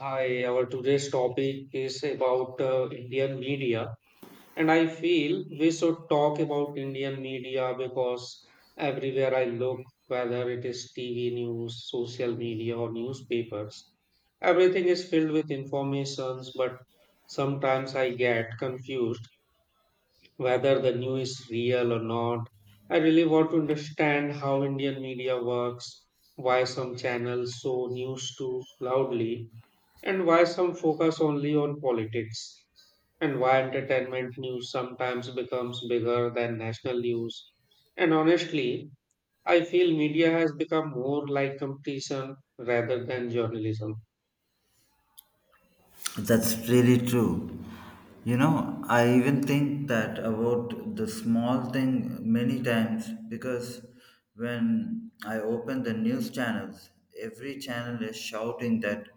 Hi, our today's topic is about Indian media, and I feel we should talk about Indian media because everywhere I look, whether it is TV news, social media, or newspapers, everything is filled with informations, but sometimes I get confused whether the news is real or not. I really want to understand how Indian media works, why some channels show news too loudly and why some focus only on politics, and why entertainment news sometimes becomes bigger than national news. And honestly, I feel media has become more like competition rather than journalism. That's really true. You know, I even think that about the small thing many times because when I open the news channels, every channel is shouting that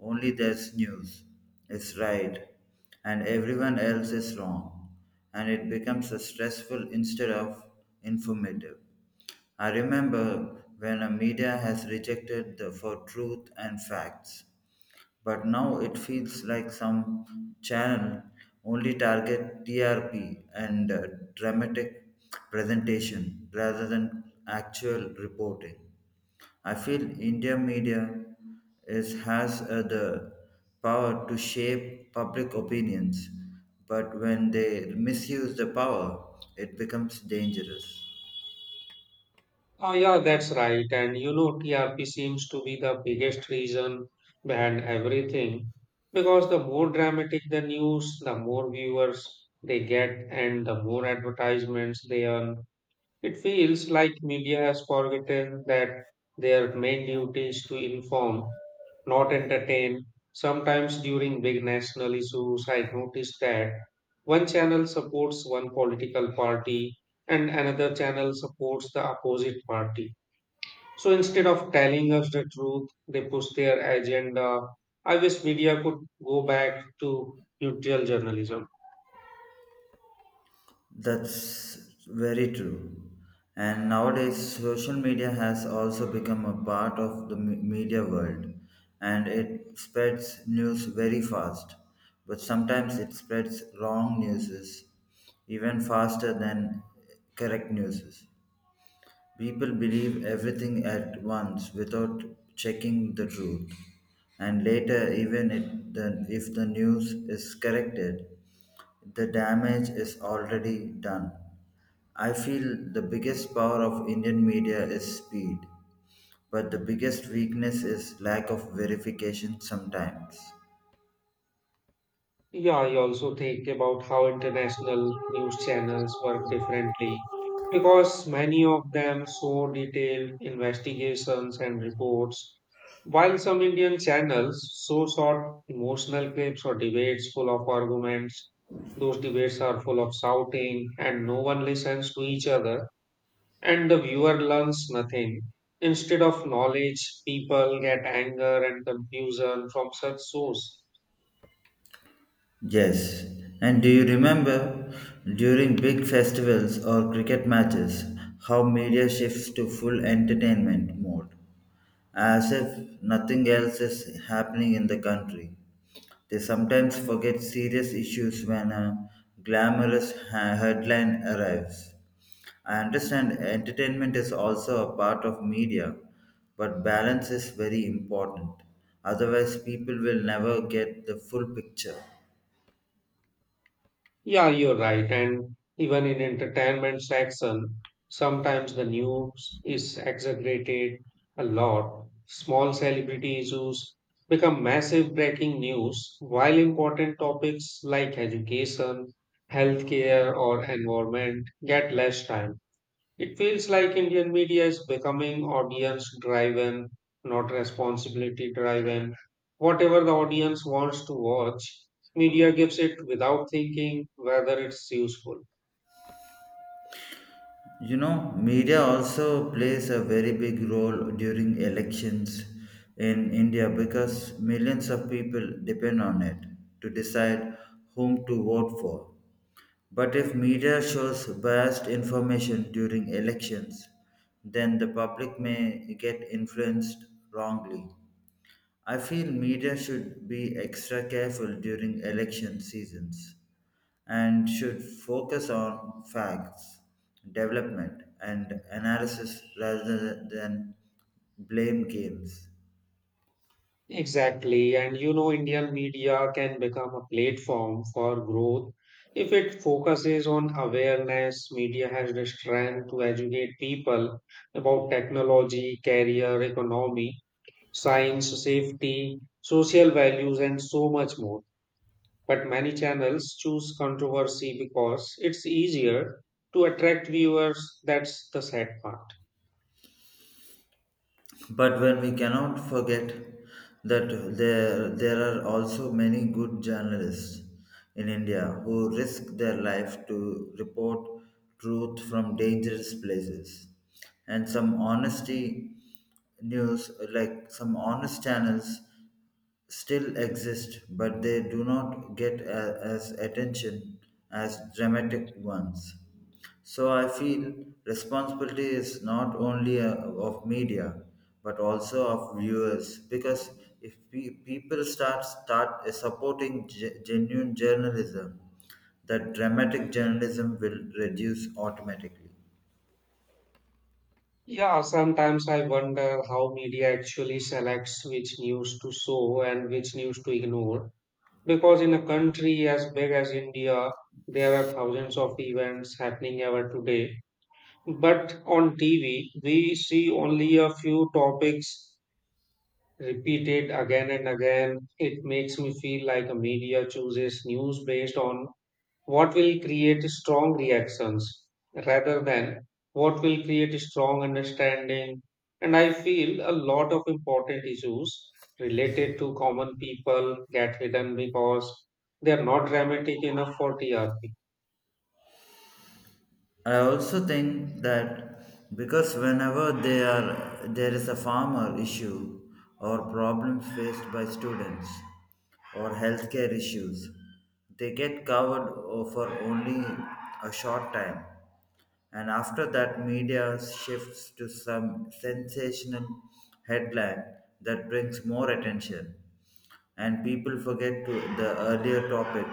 only there's news is right and everyone else is wrong, and it becomes a stressful instead of informative. I remember when a media has rejected the for truth and facts but now it feels like some channel only target TRP and dramatic presentation rather than actual reporting. I feel India media is, has the power to shape public opinions, but when they misuse the power, it becomes dangerous. Oh, yeah, that's right. And you know, TRP seems to be the biggest reason behind everything because the more dramatic the news, the more viewers they get, and the more advertisements they earn. It feels like media has forgotten that their main duty is to inform, not entertain. Sometimes during big national issues, I noticed that one channel supports one political party and another channel supports the opposite party. So instead of telling us the truth, they push their agenda. I wish media could go back to neutral journalism. That's very true. And nowadays, social media has also become a part of the media world and it spreads news very fast. But sometimes it spreads wrong news even faster than correct news. People believe everything at once without checking the truth, and later, even if the news is corrected, the damage is already done. I feel the biggest power of Indian media is speed, but the biggest weakness is lack of verification sometimes. Yeah, I also think about how international news channels work differently because many of them show detailed investigations and reports, while some Indian channels show short emotional clips or debates full of arguments. Those debates are full of shouting, and no one listens to each other, and the viewer learns nothing. Instead of knowledge, people get anger and confusion from such source. Yes, and do you remember during big festivals or cricket matches how media shifts to full entertainment mode as if nothing else is happening in the country? They sometimes forget serious issues when a glamorous headline arrives. I understand entertainment is also a part of media, but balance is very important. Otherwise, people will never get the full picture. Yeah, you're right. And even in entertainment section, sometimes the news is exaggerated a lot. Small celebrity issues become massive breaking news, while important topics like education, healthcare, or environment get less time. It feels like Indian media is becoming audience driven, not responsibility driven. Whatever the audience wants to watch, media gives it without thinking whether it's useful. You know, media also plays a very big role during elections in India because millions of people depend on it to decide whom to vote for. But if media shows biased information during elections, then the public may get influenced wrongly. I feel media should be extra careful during election seasons and should focus on facts, development, and analysis rather than blame games. Exactly. And you know, Indian media can become a platform for growth if it focuses on awareness. Media has the strength to educate people about technology, career, economy, science, safety, social values, and so much more. But many channels choose controversy because it's easier to attract viewers. That's the sad part. But when we cannot forget that there are also many good journalists in India who risk their life to report truth from dangerous places. And some honesty news, like some honest channels, still exist, but they do not get a, as attention as dramatic ones. So I feel responsibility is not only of media but also of viewers because if people start supporting genuine journalism, that dramatic journalism will reduce automatically. Yeah, sometimes I wonder how media actually selects which news to show and which news to ignore. Because in a country as big as India, there are thousands of events happening ever today. But on TV, we see only a few topics repeated again and again. It makes me feel like a media chooses news based on what will create strong reactions rather than what will create strong understanding. And I feel a lot of important issues related to common people get hidden because they are not dramatic enough for TRP. I also think that because whenever there is a farmer issue or problems faced by students or healthcare issues, they get covered for only a short time. And after that, media shifts to some sensational headline that brings more attention and people forget to the earlier topic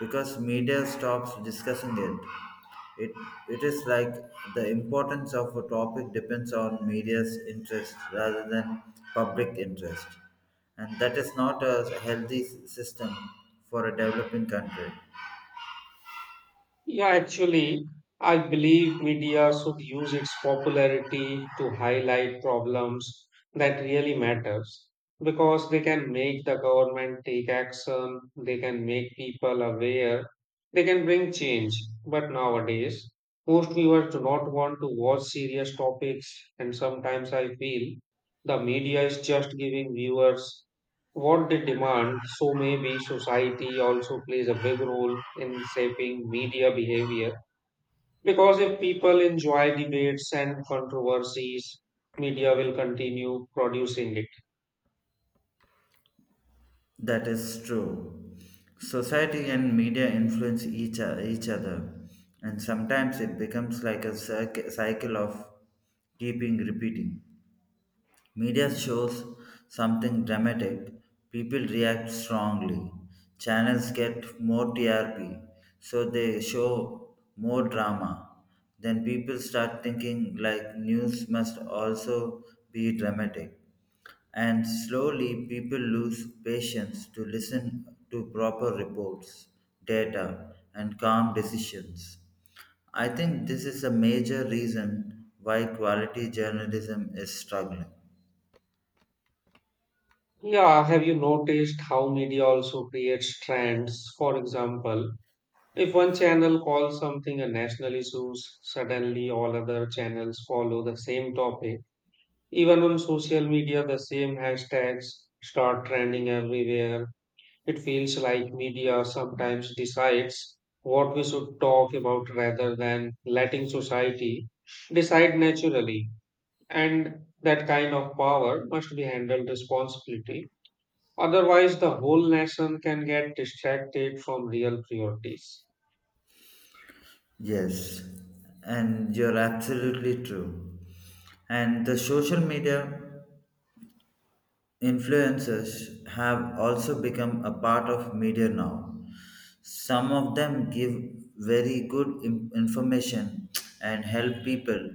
because media stops discussing it. It, it is like the importance of a topic depends on media's interest rather than public interest. And that is not a healthy system for a developing country. Yeah, actually, I believe media should use its popularity to highlight problems that really matters because they can make the government take action, they can make people aware, they can bring change. But nowadays, most viewers do not want to watch serious topics, and sometimes I feel the media is just giving viewers what they demand, so maybe society also plays a big role in shaping media behavior. Because if people enjoy debates and controversies, media will continue producing it. That is true. Society and media influence each other, and sometimes it becomes like a cycle of keeping repeating. Media shows something dramatic, people react strongly. Channels get more TRP, so they show more drama. Then people start thinking like news must also be dramatic. And slowly people lose patience to listen to proper reports, data, and calm decisions. I think this is a major reason why quality journalism is struggling. Yeah, have you noticed how media also creates trends? For example, if one channel calls something a national issue, suddenly all other channels follow the same topic. Even on social media, the same hashtags start trending everywhere. It feels like media sometimes decides what we should talk about rather than letting society decide naturally. And that kind of power must be handled responsibly. Otherwise, the whole nation can get distracted from real priorities. Yes, and you're absolutely true. And the social media influencers have also become a part of media now. Some of them give very good information and help people,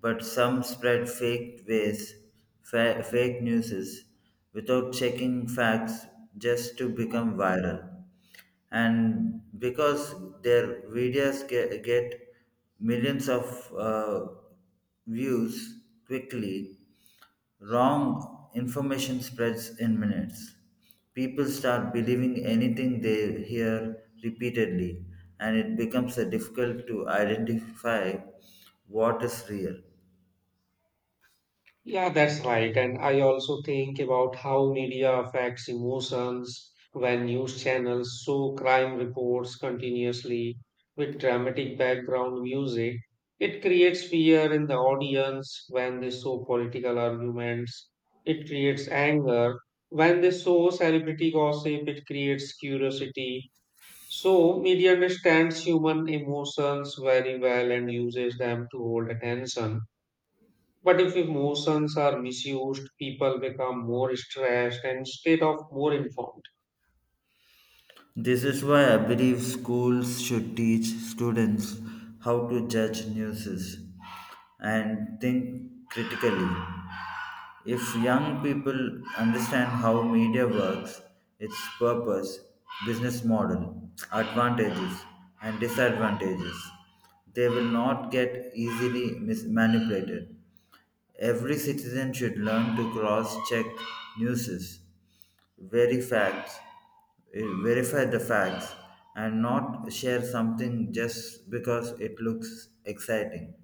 but some spread fake ways, fake news without checking facts just to become viral. And because their videos get millions of views quickly, wrong information spreads in minutes. People start believing anything they hear repeatedly, and it becomes difficult to identify what is real. Yeah, that's right. And I also think about how media affects emotions when news channels show crime reports continuously with dramatic background music. It creates fear in the audience. When they show political arguments, it creates anger. When they show celebrity gossip, it creates curiosity. So, media understands human emotions very well and uses them to hold attention. But if emotions are misused, people become more stressed instead of more informed. This is why I believe schools should teach students how to judge news and think critically. If young people understand how media works, its purpose, business model, advantages, and disadvantages, they will not get easily manipulated. Every citizen should learn to cross check news, very facts, verify the facts, and not share something just because it looks exciting.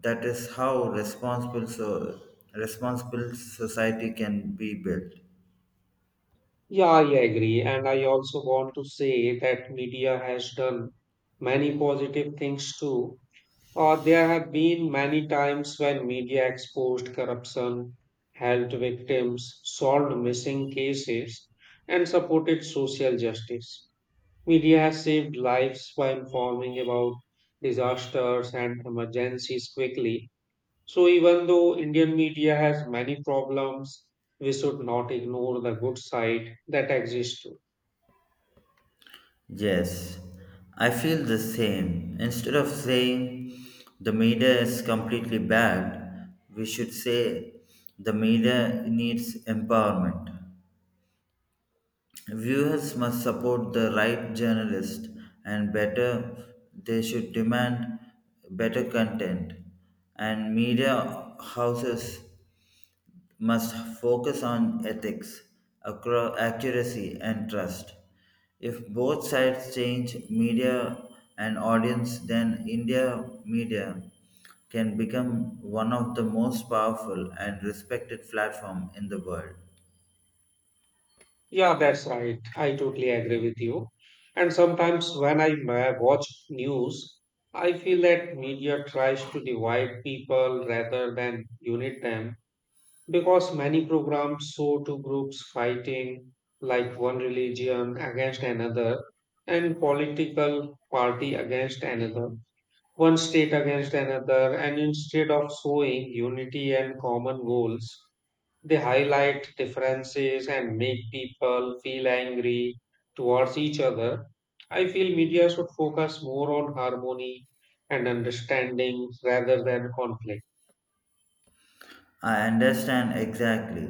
That is how responsible society can be built. Yeah, I agree. And I also want to say that media has done many positive things too. There have been many times when media exposed corruption, helped victims, solved missing cases, and supported social justice. Media has saved lives by informing about disasters and emergencies quickly. So even though Indian media has many problems, we should not ignore the good side that exists too. Yes, I feel the same. Instead of saying the media is completely bad, we should say the media needs empowerment. Viewers must support the right journalist and better they should demand better content and media houses must focus on ethics, accuracy, and trust. If both sides change media and audience, then India media can become one of the most powerful and respected platform in the world. Yeah, that's right. I totally agree with you. And sometimes when I watch news, I feel that media tries to divide people rather than unite them because many programs show two groups fighting, like one religion against another and political party against another, one state against another, and instead of showing unity and common goals, they highlight differences and make people feel angry towards each other. I feel media should focus more on harmony and understanding rather than conflict. I understand exactly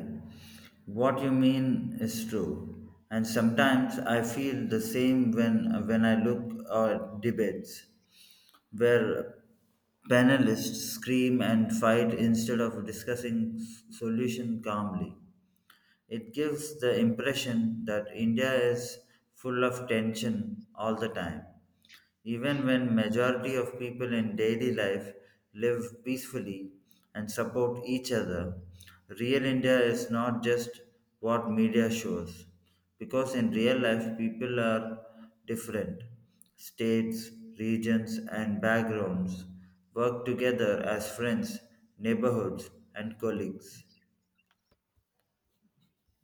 what you mean is true, and sometimes I feel the same when I look at debates where panelists scream and fight instead of discussing solution calmly. It gives the impression that India is full of tension all the time, even when majority of people in daily life live peacefully and support each other. Real India is not just what media shows, because in real life people are different. States, regions, and backgrounds work together as friends, neighborhoods, and colleagues.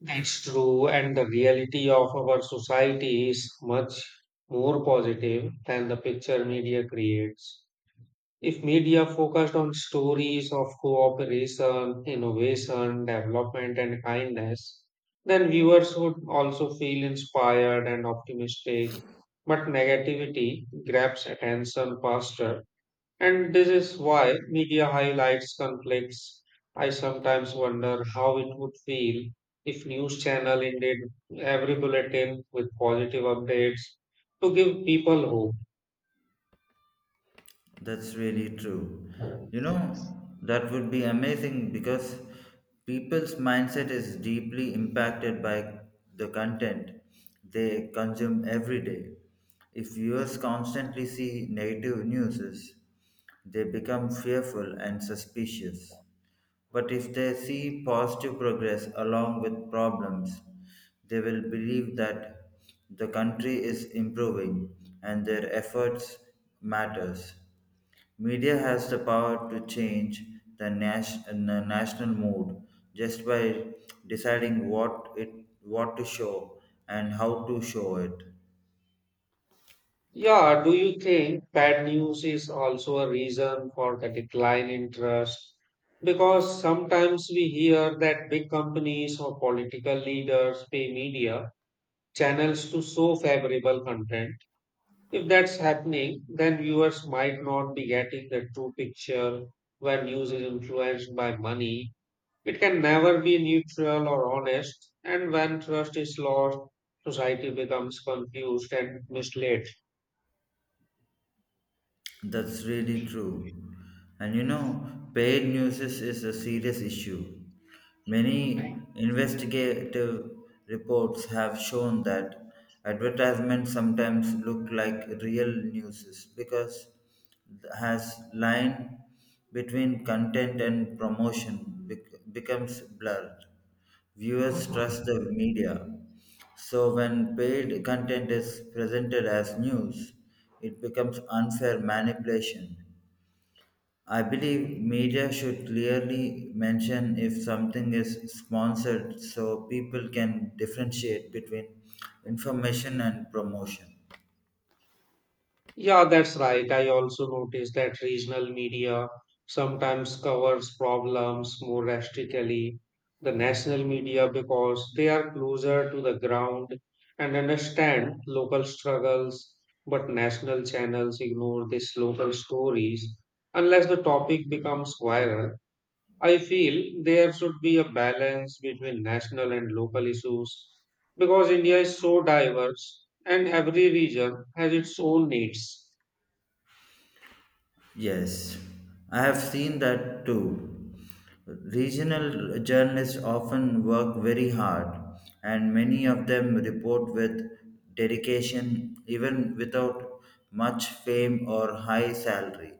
That's true, and the reality of our society is much more positive than the picture media creates. If media focused on stories of cooperation, innovation, development, and kindness, then viewers would also feel inspired and optimistic. But negativity grabs attention faster. And this is why media highlights conflicts. I sometimes wonder how it would feel if news channel ended every bulletin with positive updates to give people hope. That's really true. You know, that would be amazing because people's mindset is deeply impacted by the content they consume every day. If viewers constantly see negative news, they become fearful and suspicious. But if they see positive progress along with problems, they will believe that the country is improving and their efforts matters. Media has the power to change the national mood just by deciding what to show and how to show it. Yeah, do you think bad news is also a reason for the decline in trust? Because sometimes we hear that big companies or political leaders pay media channels to show favorable content. If that's happening, then viewers might not be getting the true picture. When news is influenced by money, it can never be neutral or honest, and when trust is lost, society becomes confused and misled. That's really true. And you know, paid is a serious issue. Many investigative reports have shown that advertisements sometimes look like real news because it has line between content and promotion becomes blurred. Viewers trust the media so, when paid content is presented as news, it becomes unfair manipulation. I believe media should clearly mention if something is sponsored so people can differentiate between information and promotion. Yeah, that's right. I also noticed that regional media sometimes covers problems more drastically than national media because they are closer to the ground and understand local struggles, but national channels ignore these local stories unless the topic becomes viral. I feel there should be a balance between national and local issues because India is so diverse and every region has its own needs. Yes, I have seen that too. Regional journalists often work very hard, and many of them report with dedication, even without much fame or high salary.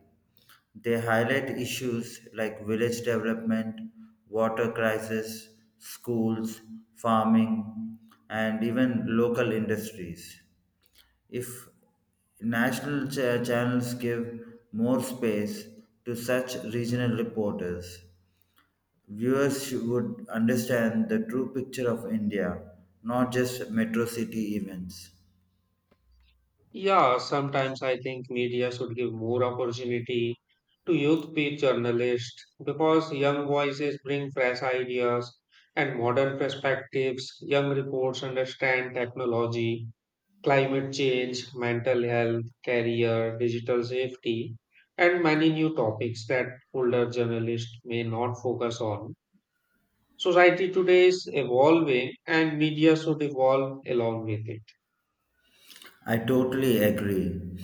They highlight issues like village development, water crisis, schools, farming, and even local industries. If national channels give more space to such regional reporters, viewers would understand the true picture of India, not just metro city events. Yeah, sometimes I think media should give more opportunity to youth paid journalists because young voices bring fresh ideas and modern perspectives. Young reports understand technology, climate change, mental health, career, digital safety, and many new topics that older journalists may not focus on. Society today is evolving and media should evolve along with it. I totally agree.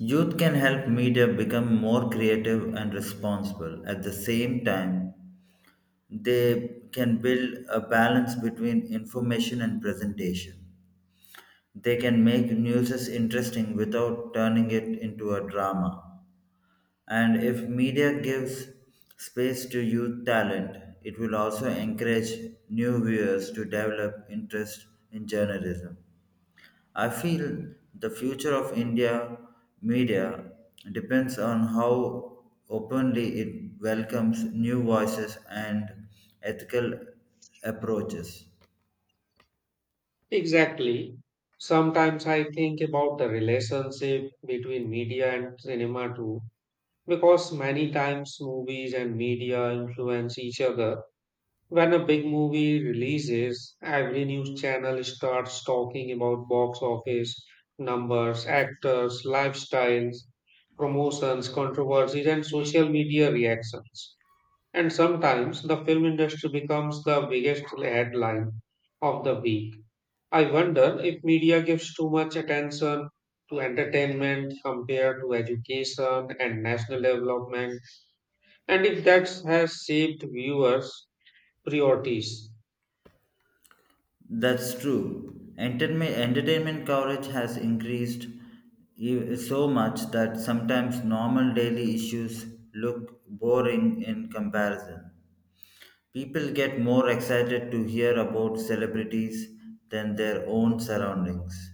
Youth can help media become more creative and responsible. At the same time, they can build a balance between information and presentation. They can make news interesting without turning it into a drama. And if media gives space to youth talent, it will also encourage new viewers to develop interest in journalism. I feel the future of India media depends on how openly it welcomes new voices and ethical approaches. Exactly. Sometimes I think about the relationship between media and cinema too, because many times movies and media influence each other. When a big movie releases, every news channel starts talking about box office numbers, actors, lifestyles, promotions, controversies, and social media reactions. And sometimes the film industry becomes the biggest headline of the week. I wonder if media gives too much attention to entertainment compared to education and national development, and if that has shaped viewers' priorities. That's true. Entertainment coverage has increased so much that sometimes normal daily issues look boring in comparison. People get more excited to hear about celebrities than their own surroundings.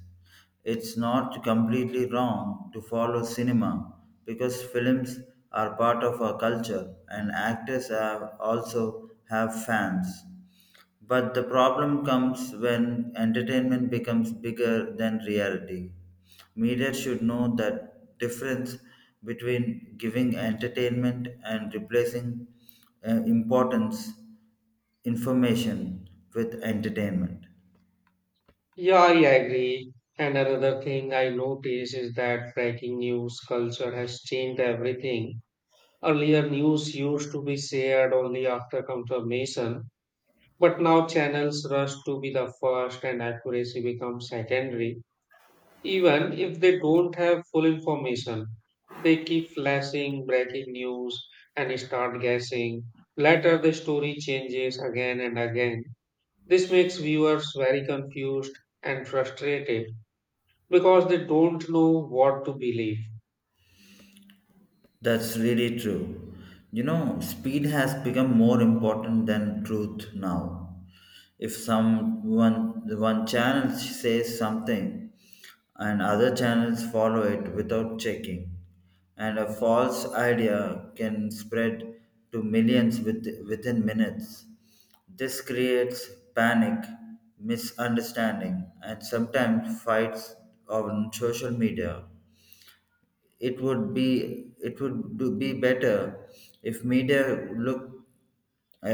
It's not completely wrong to follow cinema because films are part of our culture and actors are also have fans. But the problem comes when entertainment becomes bigger than reality. Media should know that difference between giving entertainment and replacing importance information with entertainment. Yeah, I agree. And another thing I notice is that breaking news culture has changed everything. Earlier, news used to be shared only after confirmation, but now channels rush to be the first, and accuracy becomes secondary. Even if they don't have full information, they keep flashing breaking news and start guessing. Later, the story changes again and again. This makes viewers very confused and frustrated because they don't know what to believe. That's really true. You know, speed has become more important than truth now. If someone one channel says something and other channels follow it without checking, and a false idea can spread to millions within minutes. This creates panic, misunderstanding, and sometimes fights on social media. It would be it would do be better if media look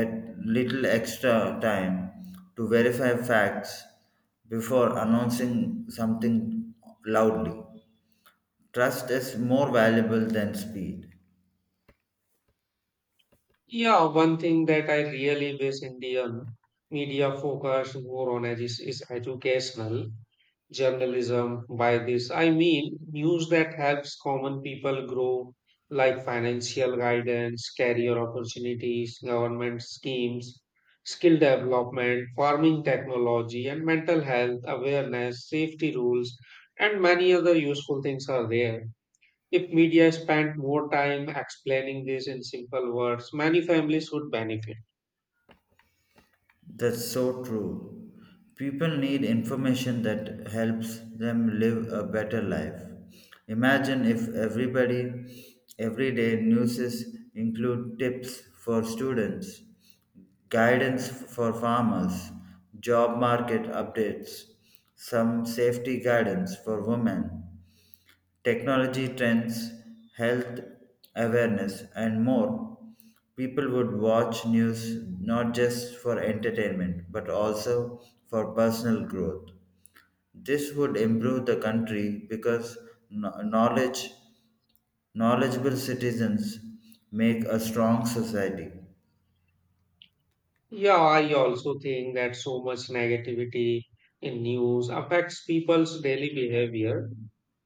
at little extra time to verify facts before announcing something loudly. Trust is more valuable than speed. Yeah, one thing that I really wish Indian media focused more on is educational journalism. By this I mean news that helps common people grow, like financial guidance, career opportunities, government schemes, skill development, farming technology, and mental health awareness, safety rules, and many other useful things are there. If media spent more time explaining this in simple words, many families would benefit. That's so true. People need information that helps them live a better life. Imagine if everyday news include tips for students guidance for farmers, job market updates, some safety guidance for women, technology trends, health awareness, and more. People would watch news not just for entertainment but also for personal growth. This would improve the country because kno- knowledge, knowledgeable citizens make a strong society. Yeah, I also think that so much negativity in news affects people's daily behavior.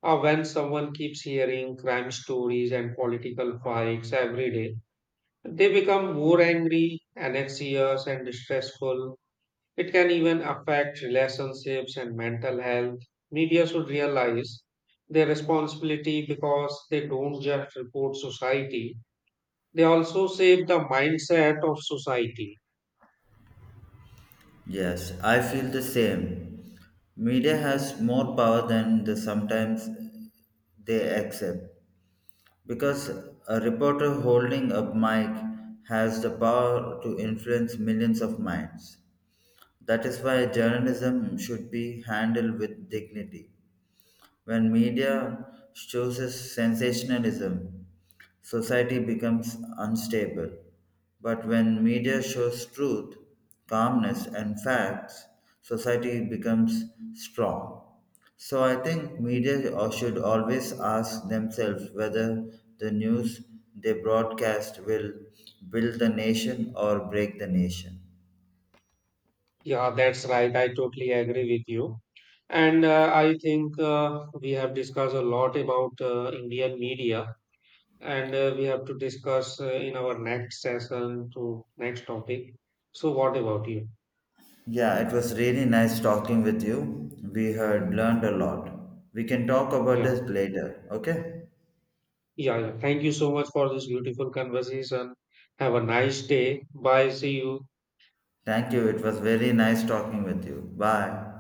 When someone keeps hearing crime stories and political fights every day, they become more angry, and anxious, and stressful. It can even affect relationships and mental health. Media should realize their responsibility because they don't just report society, they also shape the mindset of society. Yes, I feel the same. Media has more power than the sometimes they accept because a reporter holding a mic has the power to influence millions of minds. That is why journalism should be handled with dignity. When media chooses sensationalism, society becomes unstable. But when media shows truth, calmness, and facts, society becomes strong. So I think media should always ask themselves whether the news they broadcast will build the nation or break the nation. Yeah, that's right. I totally agree with you. And I think we have discussed a lot about Indian media, and we have to discuss in our next session to next topic. So, what about you? Yeah, it was really nice talking with you. We had learned a lot. We can talk about Yeah, this later, okay? yeah, yeah. Thank you so much for this beautiful conversation. Have a nice day. Bye. See you. Thank you. It was very nice talking with you. Bye.